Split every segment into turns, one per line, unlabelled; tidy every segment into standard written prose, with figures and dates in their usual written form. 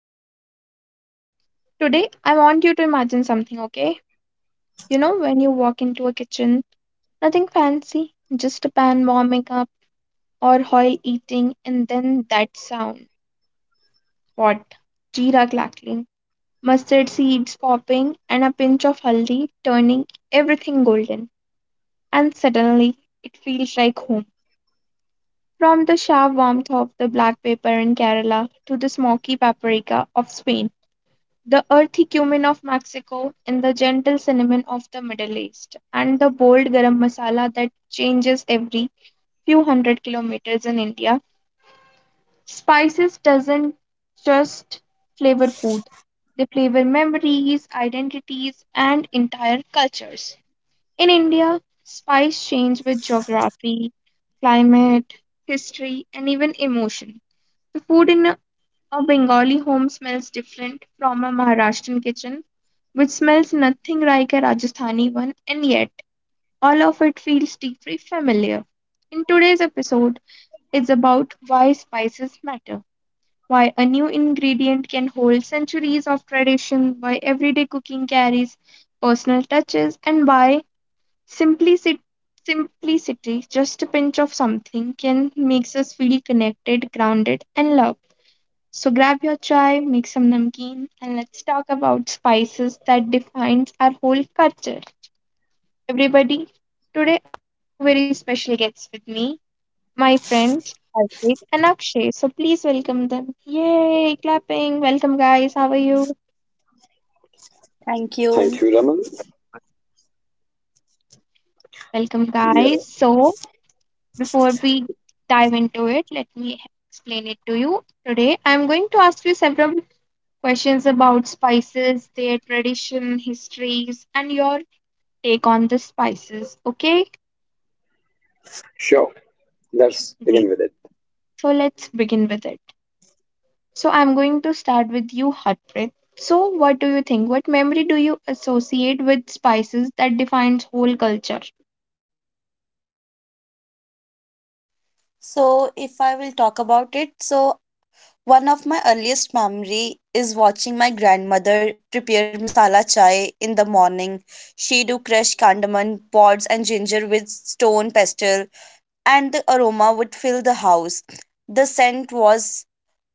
podcast, guys. Today, I want you to imagine something, okay? You know, when you walk into a kitchen, nothing fancy, just a pan warming up or oil eating, and then that sound. What? Jeera crackling, mustard seeds popping, and a pinch of haldi turning everything golden. And suddenly, it feels like home. From the sharp warmth of the black pepper in Kerala to the smoky paprika of Spain, the earthy cumin of Mexico and the gentle cinnamon of the Middle East, and the bold garam masala that changes every few hundred kilometers in India. Spices doesn't just flavor food, they flavor memories, identities, and entire cultures. In India, spice change with geography, climate, history, and even emotion. The food in a Bengali home smells different from a Maharashtrian kitchen, which smells nothing like a Rajasthani one, and yet all of it feels deeply familiar. In today's episode, it's about why spices matter, why a new ingredient can hold centuries of tradition, why everyday cooking carries personal touches, and why simplicity, simplicity, just a pinch of something, can makes us feel connected, grounded, and loved. So grab your chai, make some namkeen, and let's talk about spices that defines our whole culture. Everybody, today I have very special guests with me, my friends Harpreet and Akshay. So please welcome them. Yay, clapping. Welcome, guys. How are you?
Thank
Thank
you.
you, Raman.
Welcome,
Yeah,
guys. So before we dive into it, let me explain it to you. Today I'm going to ask you several questions about spices, their tradition, histories, and your take on the spices. Okay,
sure. Let's
great.
begin with it.
So let's begin with it. So I'm going to start with you, Harpreet. So what do you think? What memory do you associate with spices that defines whole culture?
So, if I will talk about it, so one of my earliest memory is watching my grandmother prepare masala chai in the morning. She do crush cardamom pods and ginger with stone pestle, and the aroma would fill the house. The scent was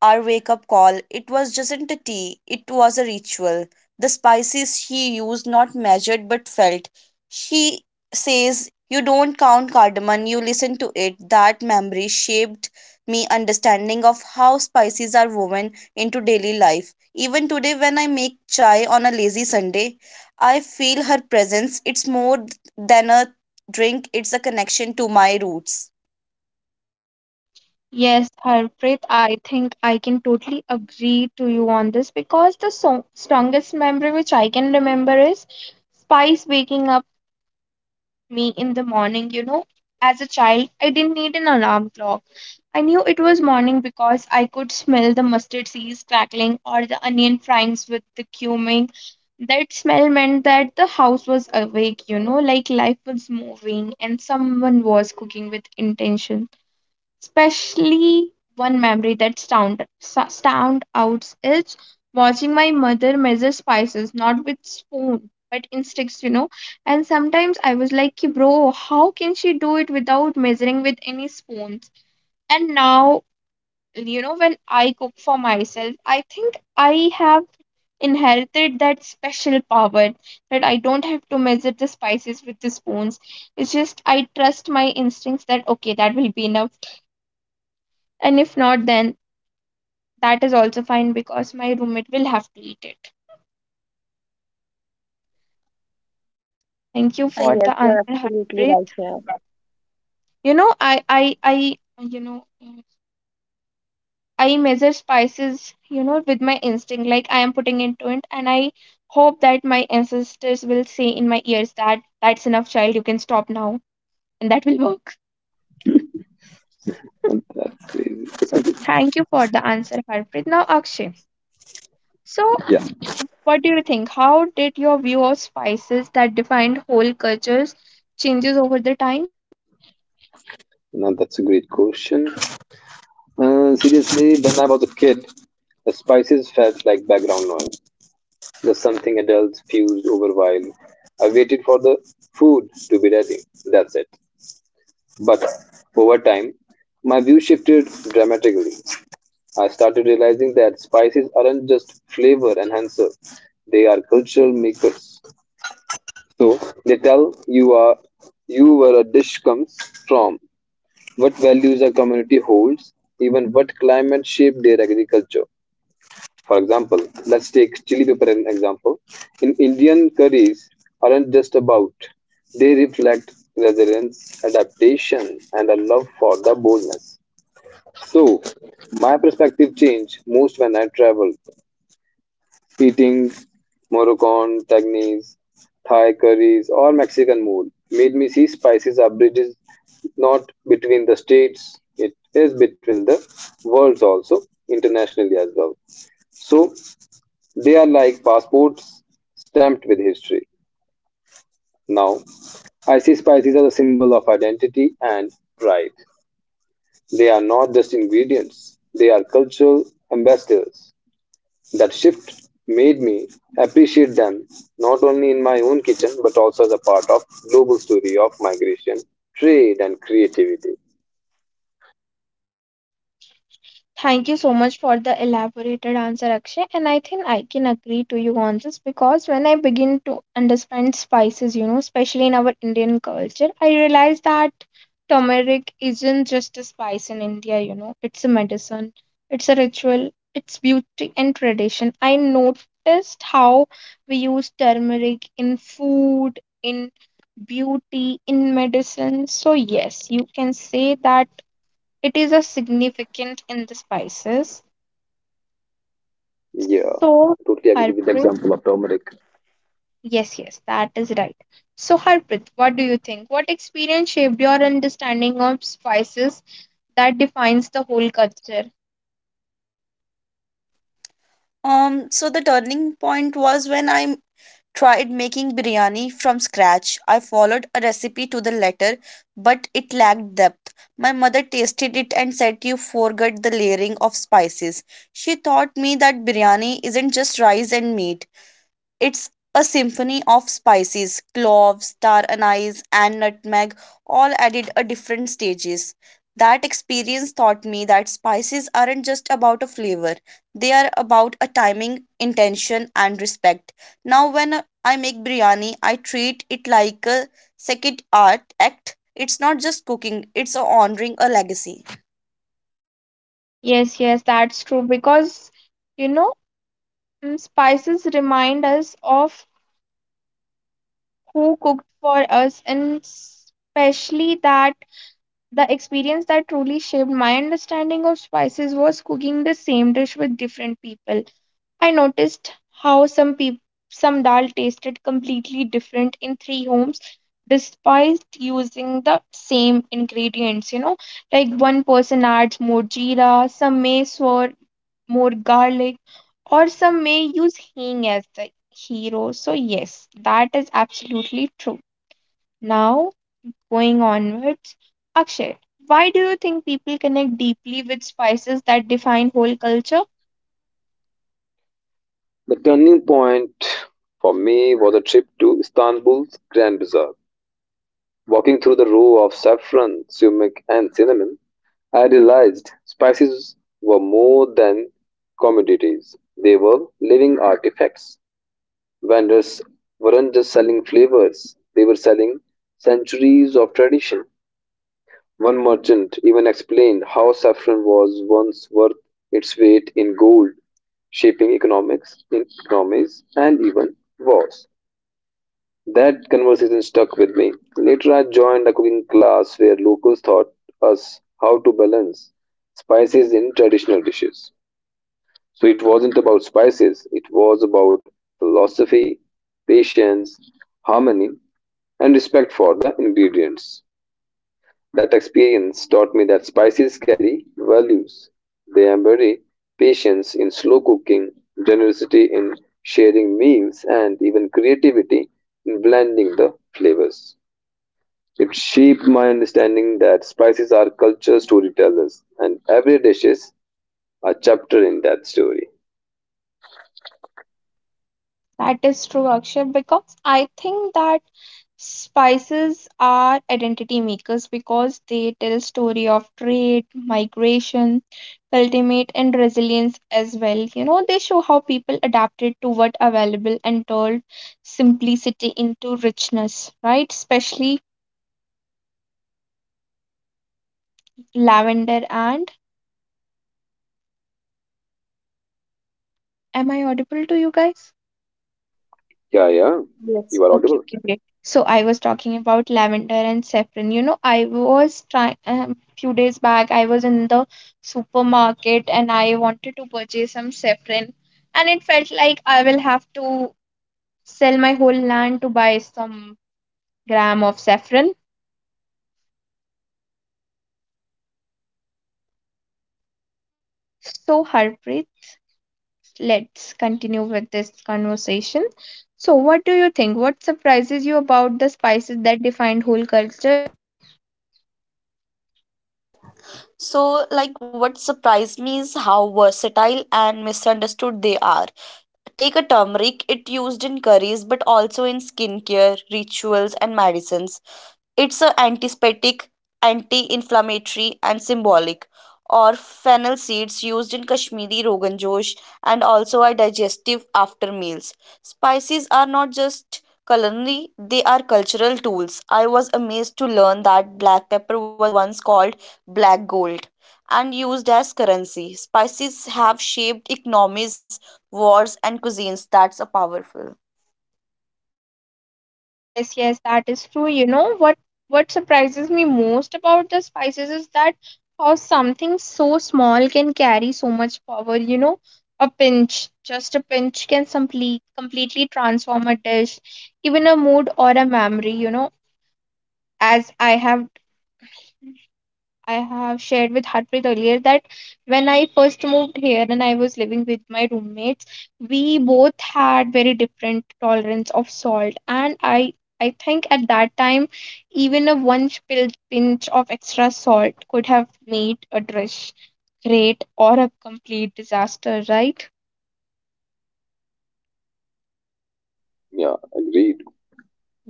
our wake up call. It was just a tea, it was a ritual. The spices she used, not measured but felt. She says, "You don't count cardamom, you listen to it." That memory shaped me understanding of how spices are woven into daily life. Even today, when I make chai on a lazy Sunday, I feel her presence. It's more than a drink, it's a connection to my roots.
Yes, Harpreet, I think I can totally agree to you on this because the strongest memory which I can remember is spice waking up me in the morning. You know, as a child, I didn't need an alarm clock. I knew it was morning because I could smell the mustard seeds crackling or the onion fryings with the cumin. That smell meant that the house was awake, you know, like life was moving and someone was cooking with intention. Especially one memory that stand out is watching my mother measure spices, not with spoon, but instincts, you know. And sometimes I was like, "Ki, bro, how can she do it without measuring with any spoons? And now, you know, when I cook for myself, I think I have inherited that special power, that I don't have to measure the spices with the spoons. It's just I trust my instincts that okay, that will be enough, and if not, then that is also fine because my roommate will have to eat it. Thank you
Uh,
for
yes,
the
you're
answer,
absolutely
Harpreet.
right here.
You know i i i you know I measure spices, you know, with my instinct, like I am putting into it, and I hope that my ancestors will say in my ears that that's enough, child, you can stop now, and that will work.
And that is,
So, thank you for the answer, Harpreet. Now, Akshay, so
yeah,
what do you think? How did your view of spices that defined whole cultures changes over the time?
now that's a great question. Seriously, when I was a kid, the spices felt like background noise, just something adults fused over while I waited for the food to be ready. That's it. But over time, my view shifted dramatically. I started realizing that spices aren't just flavor enhancers, they are cultural makers. So they tell you are you where a dish comes from, what values a community holds, even what climate shaped their agriculture. For example, let's take chili pepper as an example. In Indian curries aren't just about; they reflect resilience, adaptation, and a love for the boldness. So my perspective changed most when I traveled. Eating Moroccan tagines, Thai curries, or Mexican mole made me see spices are bridges not between the states, it is between the worlds also, internationally as well. So they are like passports stamped with history. Now, I see spices as a symbol of identity and pride. They are not just ingredients, they are cultural ambassadors. That shift made me appreciate them not only in my own kitchen but also as a part of global story of migration, trade and creativity.
Thank you so much for the elaborated answer, Akshay. And I think I can agree to you on this because when I begin to understand spices, you know, especially in our Indian culture, I realize that turmeric isn't just a spice in India, you know, it's a medicine, it's a ritual, it's beauty and tradition. I noticed how we use turmeric in food, in beauty, in medicine. So, yes, you can say that it is a significant in the spices.
Yeah,
So,
totally agree with the
Harpreet,
example of turmeric.
yes, yes, that is right. So, Harpreet, what do you think? What experience shaped your understanding of spices that defines the whole culture?
So the turning point was when I tried making biryani from scratch. I followed a recipe to the letter, but it lacked depth. My mother tasted it and said you forgot the layering of spices. She taught me that biryani isn't just rice and meat. It's a symphony of spices, cloves, star anise, and nutmeg, all added at different stages. That experience taught me that spices aren't just about a flavor, they are about a timing, intention, and respect. Now, when I make biryani, I treat it like a second art act. It's not just cooking, it's honoring a legacy.
Yes, yes, that's true because, you know, spices remind us of who cooked for us, and especially that the experience that truly shaped my understanding of spices was cooking the same dish with different people. I noticed how some dal tasted completely different in three homes despite using the same ingredients, you know, like one person adds more jeera, some may for more garlic, or some may use hing as the hero. So yes, that is absolutely true. Now, going onwards, Akshay, why do you think people connect deeply with spices that define whole culture?
The turning point for me was a trip to Istanbul's Grand Bazaar. Walking through the row of saffron, sumac and cinnamon, I realized spices were more than commodities. They were living artifacts. Vendors weren't just selling flavors, they were selling centuries of tradition. One merchant even explained how saffron was once worth its weight in gold, shaping economics, economies, and even wars. That conversation stuck with me. Later, I joined a cooking class where locals taught us how to balance spices in traditional dishes. So it wasn't about spices, it was about philosophy, patience, harmony, and respect for the ingredients. That experience taught me that spices carry values. They embody patience in slow cooking, generosity in sharing meals, and even creativity in blending the flavors. It shaped my understanding that spices are culture storytellers, and every dish is a chapter in that story.
That is true, Akshay, because I think that spices are identity makers because they tell story of trade, migration, ultimate and resilience as well. You know, they show how people adapted to what available and turned simplicity into richness, right? Especially lavender and, am I audible to you guys?
Yeah, yeah. You are
Yes.
Okay,
audible.
okay, great. So I was talking about lavender and saffron. You know, I was trying, few days back. I was in the supermarket and I wanted to purchase some saffron, and it felt like I will have to sell my whole land to buy some gram of saffron. So Harpreet, let's continue with this conversation. So, what do you think? What surprises you about the spices that defined whole culture?
So, like, what surprised me is how versatile and misunderstood they are. Take a turmeric, it used in curries but also in skincare, rituals and medicines. It's a antiseptic, anti-inflammatory, and symbolic. Or fennel seeds used in Kashmiri Rogan Josh and also are digestive after meals. Spices are not just culinary, they are cultural tools. I was amazed to learn that black pepper was once called black gold and used as currency. Spices have shaped economies, wars, and cuisines. That's a powerful.
Yes, yes, that is true. You know what surprises me most about the spices is that how something so small can carry so much power, you know. A pinch, just a pinch can completely transform a dish, even a mood or a memory, you know, as I have shared with Harpreet earlier that when I first moved here and I was living with my roommates, we both had very different tolerance of salt. And I think at that time, even a one pinch of extra salt could have made a dish great or a complete disaster, right?
Yeah, agreed.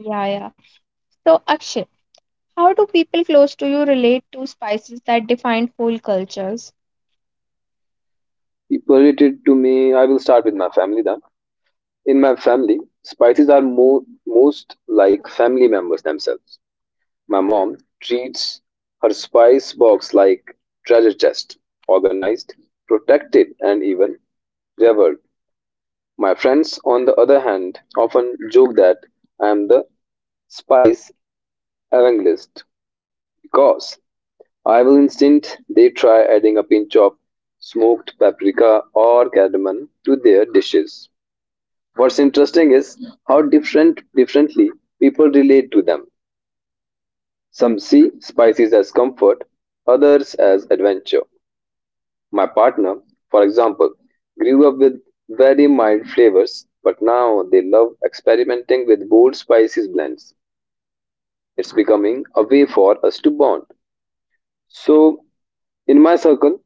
Yeah, yeah. So, Akshay, how do people close to you relate to spices that define whole cultures?
People related to me, I will start with my family then. In my family, spices are most like family members themselves. My mom treats her spice box like treasure chest, organized, protected, and even revered. My friends, on the other hand, often joke that I am the spice evangelist because Evil Instinct, they try adding a pinch of smoked paprika or cardamom to their dishes. What's interesting is how differently people relate to them. Some see spices as comfort, others as adventure. My partner, for example, grew up with very mild flavors, but now they love experimenting with bold spices blends. It's becoming a way for us to bond. So, in my circle,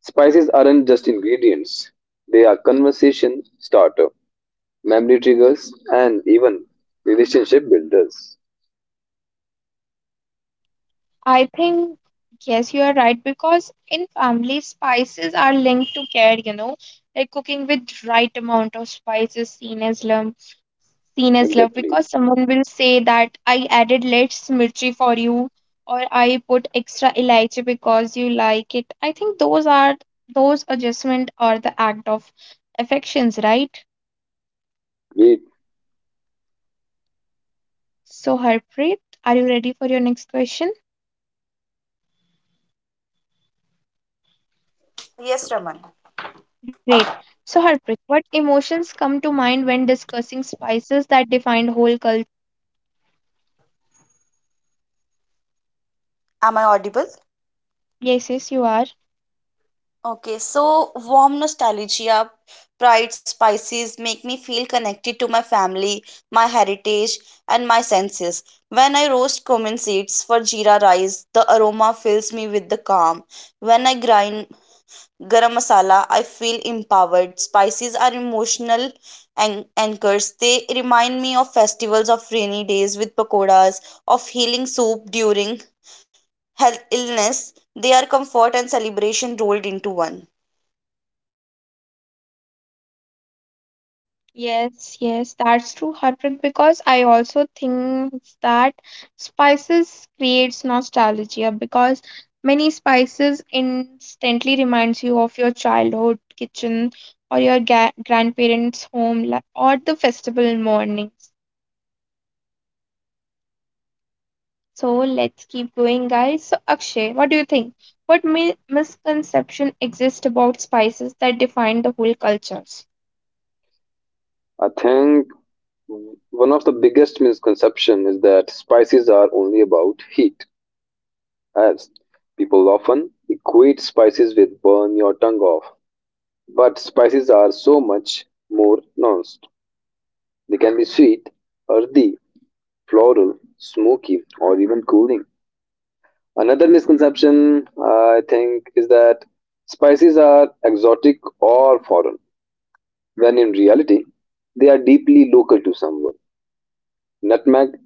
spices aren't just ingredients, they are conversation starter, memory triggers, and even relationship builders.
I think, yes, you are right because in family, spices are linked to care, you know, like cooking with right amount of spices seen as love
Exactly.
because someone will say that I added less mirchi for you or I put extra elaichi because you like it. I think those are those adjustment are the act of affections, right?
Great.
So Harpreet, are you ready for your next question?
Yes, Raman.
Great. So, Harpreet, what emotions come to mind when discussing spices that define whole culture?
Am I audible?
Yes, yes, you are.
Okay, so warm nostalgia, pride spices make me feel connected to my family, my heritage, and my senses. When I roast cumin seeds for jeera rice, the aroma fills me with the calm. When I grind garam masala, I feel empowered. Spices are emotional anchors. They remind me of festivals of rainy days with pakoras, of healing soup during health illness. They are comfort and celebration rolled into one.
Yes, yes, that's true, Harpreet, because I also think that spices creates nostalgia because many spices instantly reminds you of your childhood kitchen or your ga grandparents' home or the festival mornings. So let's keep going, guys. So, Akshay, what do you think? What misconception exists about spices that define the whole cultures?
I think one of the biggest misconception is that spices are only about heat, as people often equate spices with burn your tongue off. But spices are so much more nuanced. They can be sweet, earthy, floral, smoky, or even cooling. Another misconception, I think, is that spices are exotic or foreign, when in reality, they are deeply local to someone. Nutmeg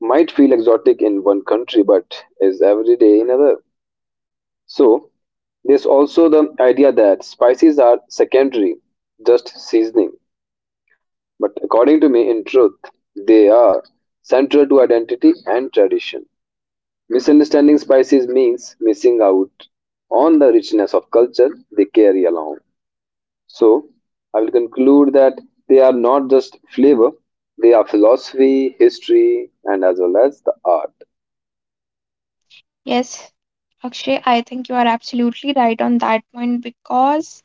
might feel exotic in one country but is everyday in another. So, there's also the idea that spices are secondary, just seasoning. But according to me, in truth, they are central to identity and tradition. Misunderstanding spices means missing out on the richness of culture they carry along. So, I will conclude that they are not just flavor, they are philosophy, history, and as well as the art.
Yes, Akshay, I think you are absolutely right on that point because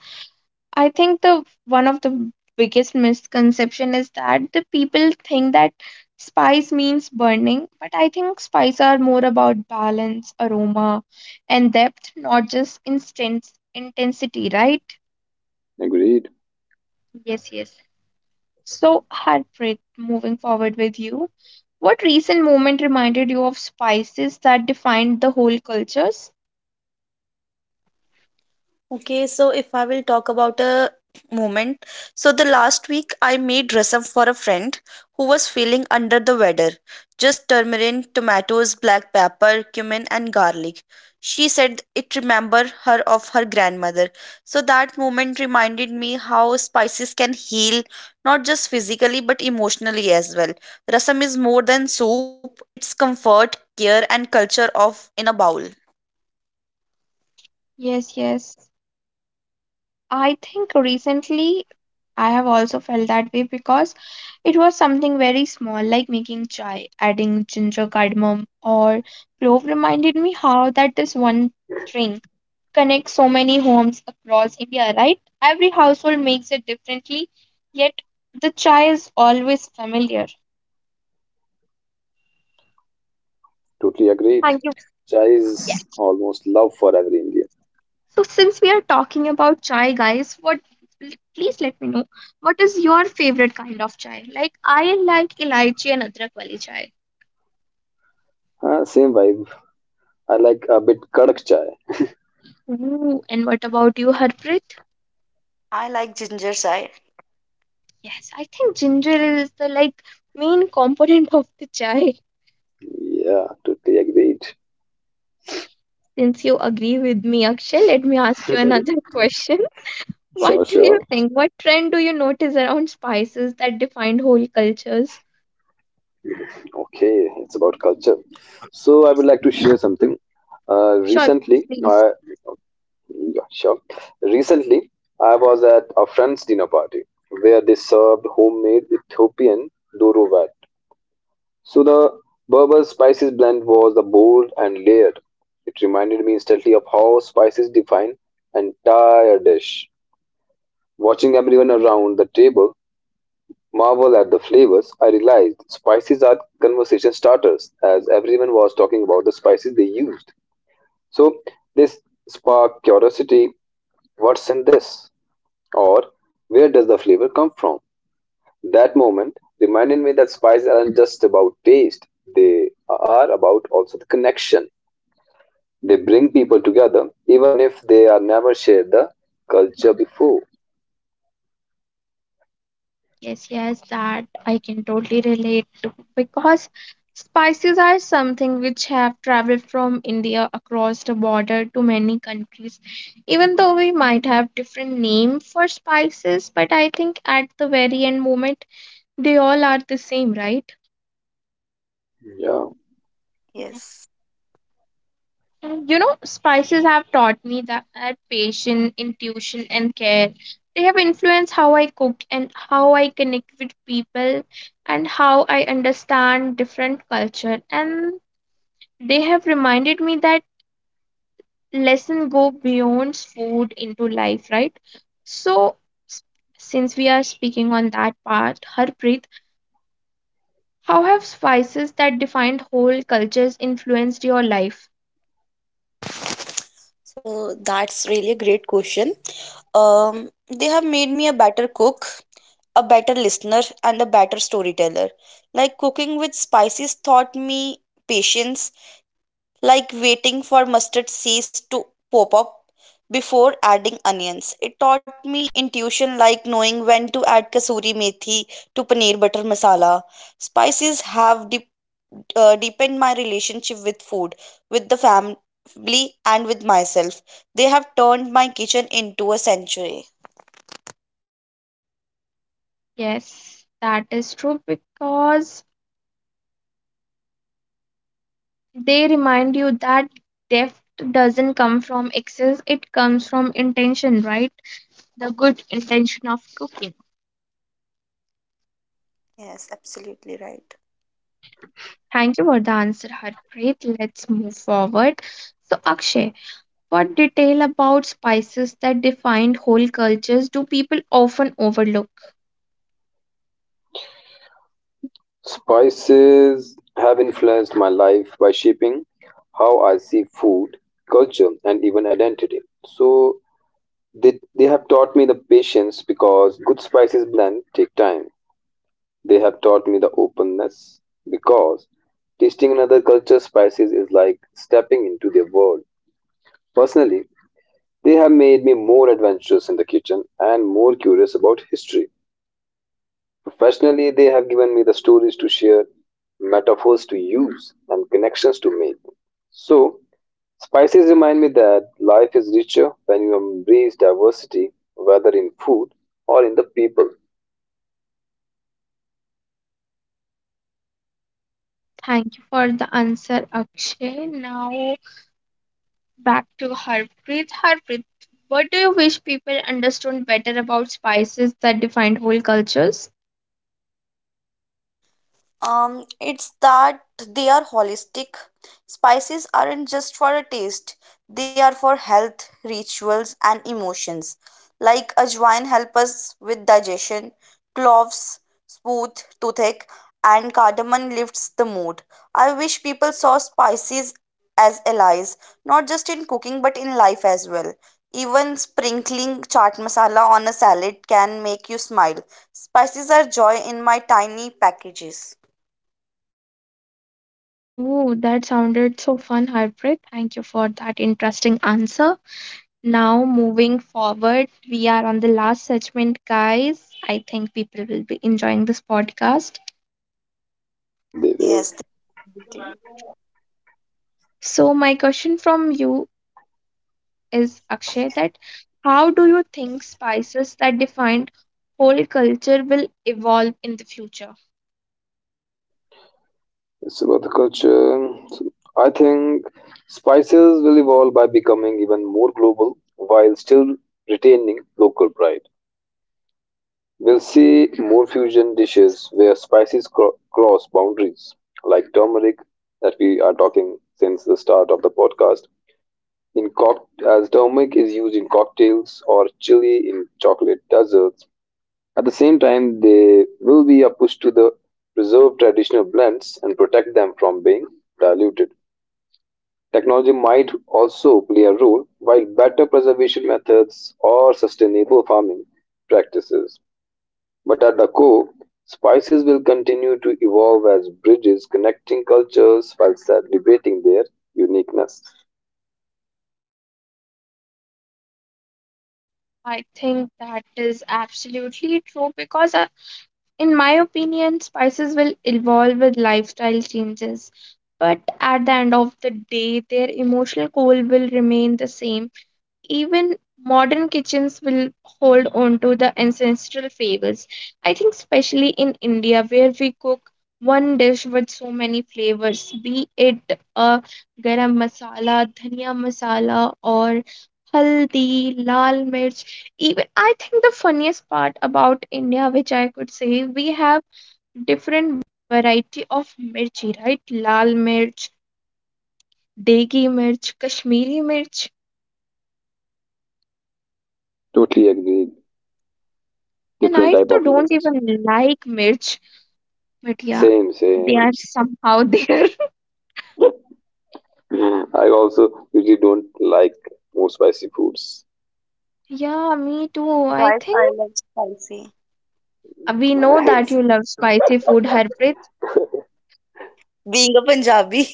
I think the one of the biggest misconception is that the people think that spice means burning, but I think spices are more about balance, aroma, and depth, not just instant intensity, right?
Agreed.
Yes, yes. So, Harpreet, moving forward with you, what recent moment reminded you of spices that defined the whole cultures?
Okay, so if I will talk about a moment, so the last week I made rasam for a friend who was feeling under the weather. Just turmeric, tomatoes, black pepper, cumin, and garlic. She said it remembered her of her grandmother. So that moment reminded me how spices can heal, not just physically but emotionally as well. Rasam is more than soup; it's comfort, care, and culture of in a bowl.
Yes, yes. I think recently I have also felt that way because it was something very small, like making chai, adding ginger, cardamom, or clove reminded me how that this one drink connects so many homes across India, right? Every household makes it differently, yet the chai is always familiar.
Totally agreed.
Thank you.
Chai
Yes.
is almost love for every Indian.
So since we are talking about chai, guys, what l- please let me know what is your favorite kind of chai? Like I like elaichi and adrak wali chai.
Ah, same vibe. I like a bit kadak chai.
Ooh, and what about you, Harpreet?
I like ginger chai.
Yes, I think ginger is the like main component of the chai.
Yeah, totally agreed.
Since you agree with me, Akshay, let me ask you another question.
Sure,
What do you
sure.
think? What trend do you notice around spices that defined whole cultures?
Okay, it's about culture. So I would like to share something.
Sure,
Recently,
please.
I Yeah, sure. Recently, I was at a friend's dinner party where they served homemade Ethiopian duruvat. So the Berber spices blend was the bold and layered. It reminded me instantly of how spices define an entire dish. Watching everyone around the table marvel at the flavors, I realized spices are conversation starters as everyone was talking about the spices they used. So this sparked curiosity. What's in this? Or where does the flavor come from? That moment reminded me that spices aren't just about taste, they are about also the connection. They bring people together, even if they are never shared the culture before.
Yes, yes, that I can totally relate to because spices are something which have traveled from India across the border to many countries. Even though we might have different name for spices, but I think at the very end moment they all are the same, right?
Yeah.
Yes.
And you know, spices have taught me that patience, intuition, and care. They have influenced how I cook and how I connect with people and how I understand different culture. And they have reminded me that lessons go beyond food into life, right? So, s- since we are speaking on that part, Harpreet, how have spices that defined whole cultures influenced your life?
So that's really a great question. They have made me a better cook, a better listener, and a better storyteller. Like cooking with spices taught me patience, like waiting for mustard seeds to pop up before adding onions. It taught me intuition, like knowing when to add kasuri methi to paneer butter masala. Spices have deepened my relationship with food, with the family, and with myself. They have turned my kitchen into a sanctuary.
Yes, that is true because they remind you that depth doesn't come from excess, it comes from intention, right? The good intention of cooking.
Yes, absolutely right.
Thank you for the answer, Harpreet. Let's move forward. So, Akshay, what detail about spices that defined whole cultures do people often overlook?
Spices have influenced my life by shaping how I see food, culture, and even identity. So they have taught me the patience because good spices blend take time. They have taught me the openness because tasting another culture's spices is like stepping into their world. Personally, they have made me more adventurous in the kitchen and more curious about history. Professionally, they have given me the stories to share, metaphors to use, and connections to make. So, spices remind me that life is richer when you embrace diversity, whether in food or in the people.
Thank you for the answer, Akshay. Now, back to Harpreet. Harpreet, what do you wish people understood better about spices that defined whole cultures?
It's that they are holistic. Spices aren't just for a taste, they are for health, rituals, and emotions. Like ajwain help us with digestion, cloves smooth toothache, and cardamom lifts the mood. I wish people saw spices as allies, not just in cooking but in life as well. Even sprinkling chaat masala on a salad can make you smile. Spices are joy in my tiny packages.
Oh, that sounded so fun, Harpreet. Thank you for that interesting answer. Now, moving forward, we are on the last segment, guys. I think people will be enjoying this podcast.
Hope they will.
Yes, thank you.
So, my question from you is, Akshay, that how do you think spices that defined whole culture will evolve in the future?
It's about the culture. I think spices will evolve by becoming even more global while still retaining local pride. We'll see more fusion dishes where spices cross boundaries, like turmeric that we are talking since the start of the podcast. In cock- as turmeric is used in cocktails or chili in chocolate desserts. At the same time, they will be a push to the preserve traditional blends and protect them from being diluted. Technology might also play a role, while better preservation methods or sustainable farming practices. But at the core, spices will continue to evolve as bridges connecting cultures while celebrating their uniqueness.
I think that is absolutely true because in my opinion, spices will evolve with lifestyle changes, but at the end of the day, their emotional core will remain the same, even modern kitchens will hold on to the ancestral flavors. I think, especially in India, where we cook one dish with so many flavors, be it a garam masala, dhania masala, or haldi, lal mirch. Even I think the funniest part about India, which I could say, we have different variety of mirchi, right? Lal mirch, degi mirch, Kashmiri mirch.
Totally agree.
And
Different
I
type
too
of
don't
meats.
even like Mirch, but yeah,
Same,
they are
same.
somehow there.
I also usually don't like more spicy foods.
Yeah, me too. I
Guys, I
think
love spicy.
we know that
Nice.
you love spicy food, Harpreet.
Being a Punjabi,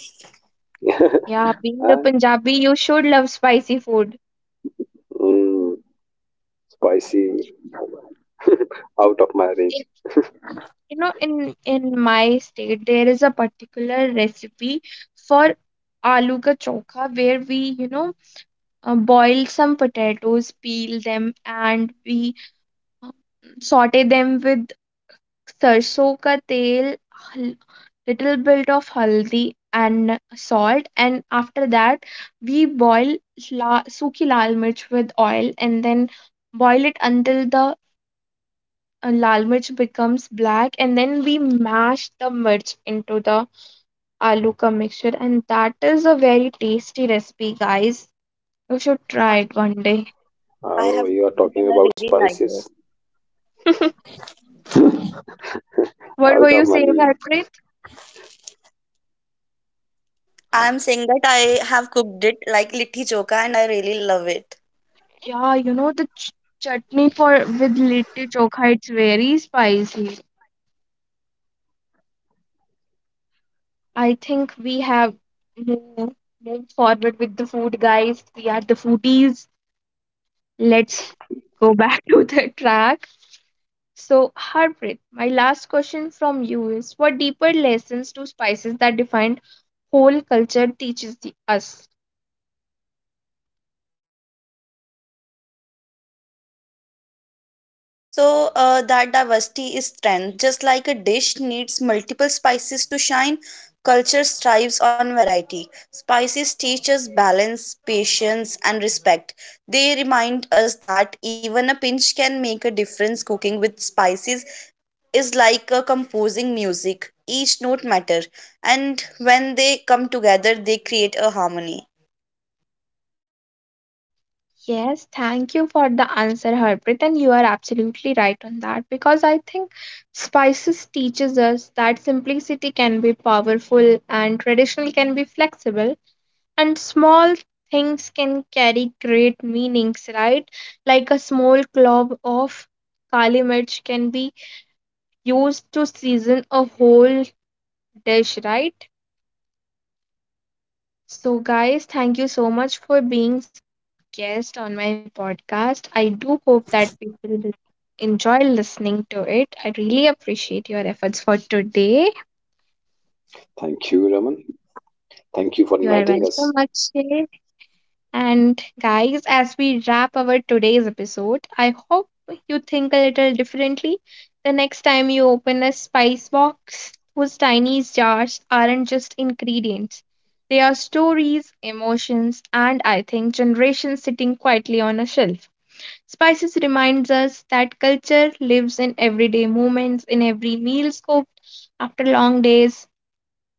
Yeah, being a
Huh?
Punjabi, you should love spicy food.
Mm, spicy.
You,
Out of my range.
in, in my state, there is a particular recipe for aloo ka chokha where we, you know, boil some potatoes, peel them, and we uh, saute them with सरसों का तेल, हल- little bit of haldi and salt, and after that we boil sukhi lal mirch with oil and then boil it until the lal mirch becomes black, and then we mash the mirch into the aloo ka mixture, and that is a very tasty recipe, guys. You should try it one day.
I
Oh,
have
you are
cooked
talking
and I
about
really like
spices.
it.
What
Out
were
of
you
my
saying,
league.
Harpreet?
I'm saying that I have cooked it like litti choka and I really love it.
Yeah, you know the chutney for with litti chokha, it's very spicy. I think we have moved, moved forward with the food, guys. We are the foodies. Let's go back to the track. So, Harpreet, my last question from you is, what deeper lessons do spices that defined whole culture teaches us?
So that diversity is strength. Just like a dish needs multiple spices to shine, culture strives on variety. Spices teach us balance, patience, and respect. They remind us that even a pinch can make a difference cooking with spices is like composing music. Each note matter, and when they come together, they create a harmony.
Yes, thank you for the answer, Harpreet. And you are absolutely right on that because I think spices teaches us that simplicity can be powerful and traditional can be flexible, and small things can carry great meanings, right? Like a small clove of kali mirch can be used to season a whole dish, right? So guys, thank you so much for being guest on my podcast. I do hope that people will enjoy listening to it. I really appreciate your efforts for today.
Thank you, Raman. Thank you for
You are
inviting us.
welcome, Akshay. And guys, as we wrap our today's episode, I hope you think a little differently the next time you open a spice box whose tiny jars aren't just ingredients. They are stories, emotions, and I think generations sitting quietly on a shelf. Spices reminds us that culture lives in everyday moments, in every meal scooped after long days,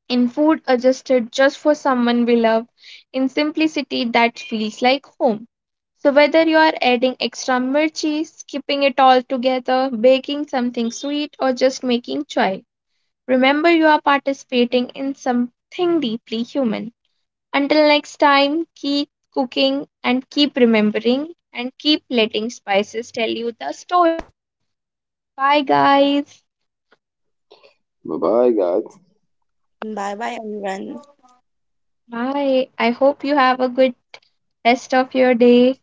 in food adjusted just for someone we love, in simplicity that feels like home. So, whether you are adding extra mirchi, skipping it all together, baking something sweet, or just making chai, remember you are participating in something deeply human. Until next time, keep cooking and keep remembering and keep letting spices tell you the story. Bye, guys.
Bye bye, guys.
Bye bye, Anuran.
Bye. I hope you have a good rest of your day.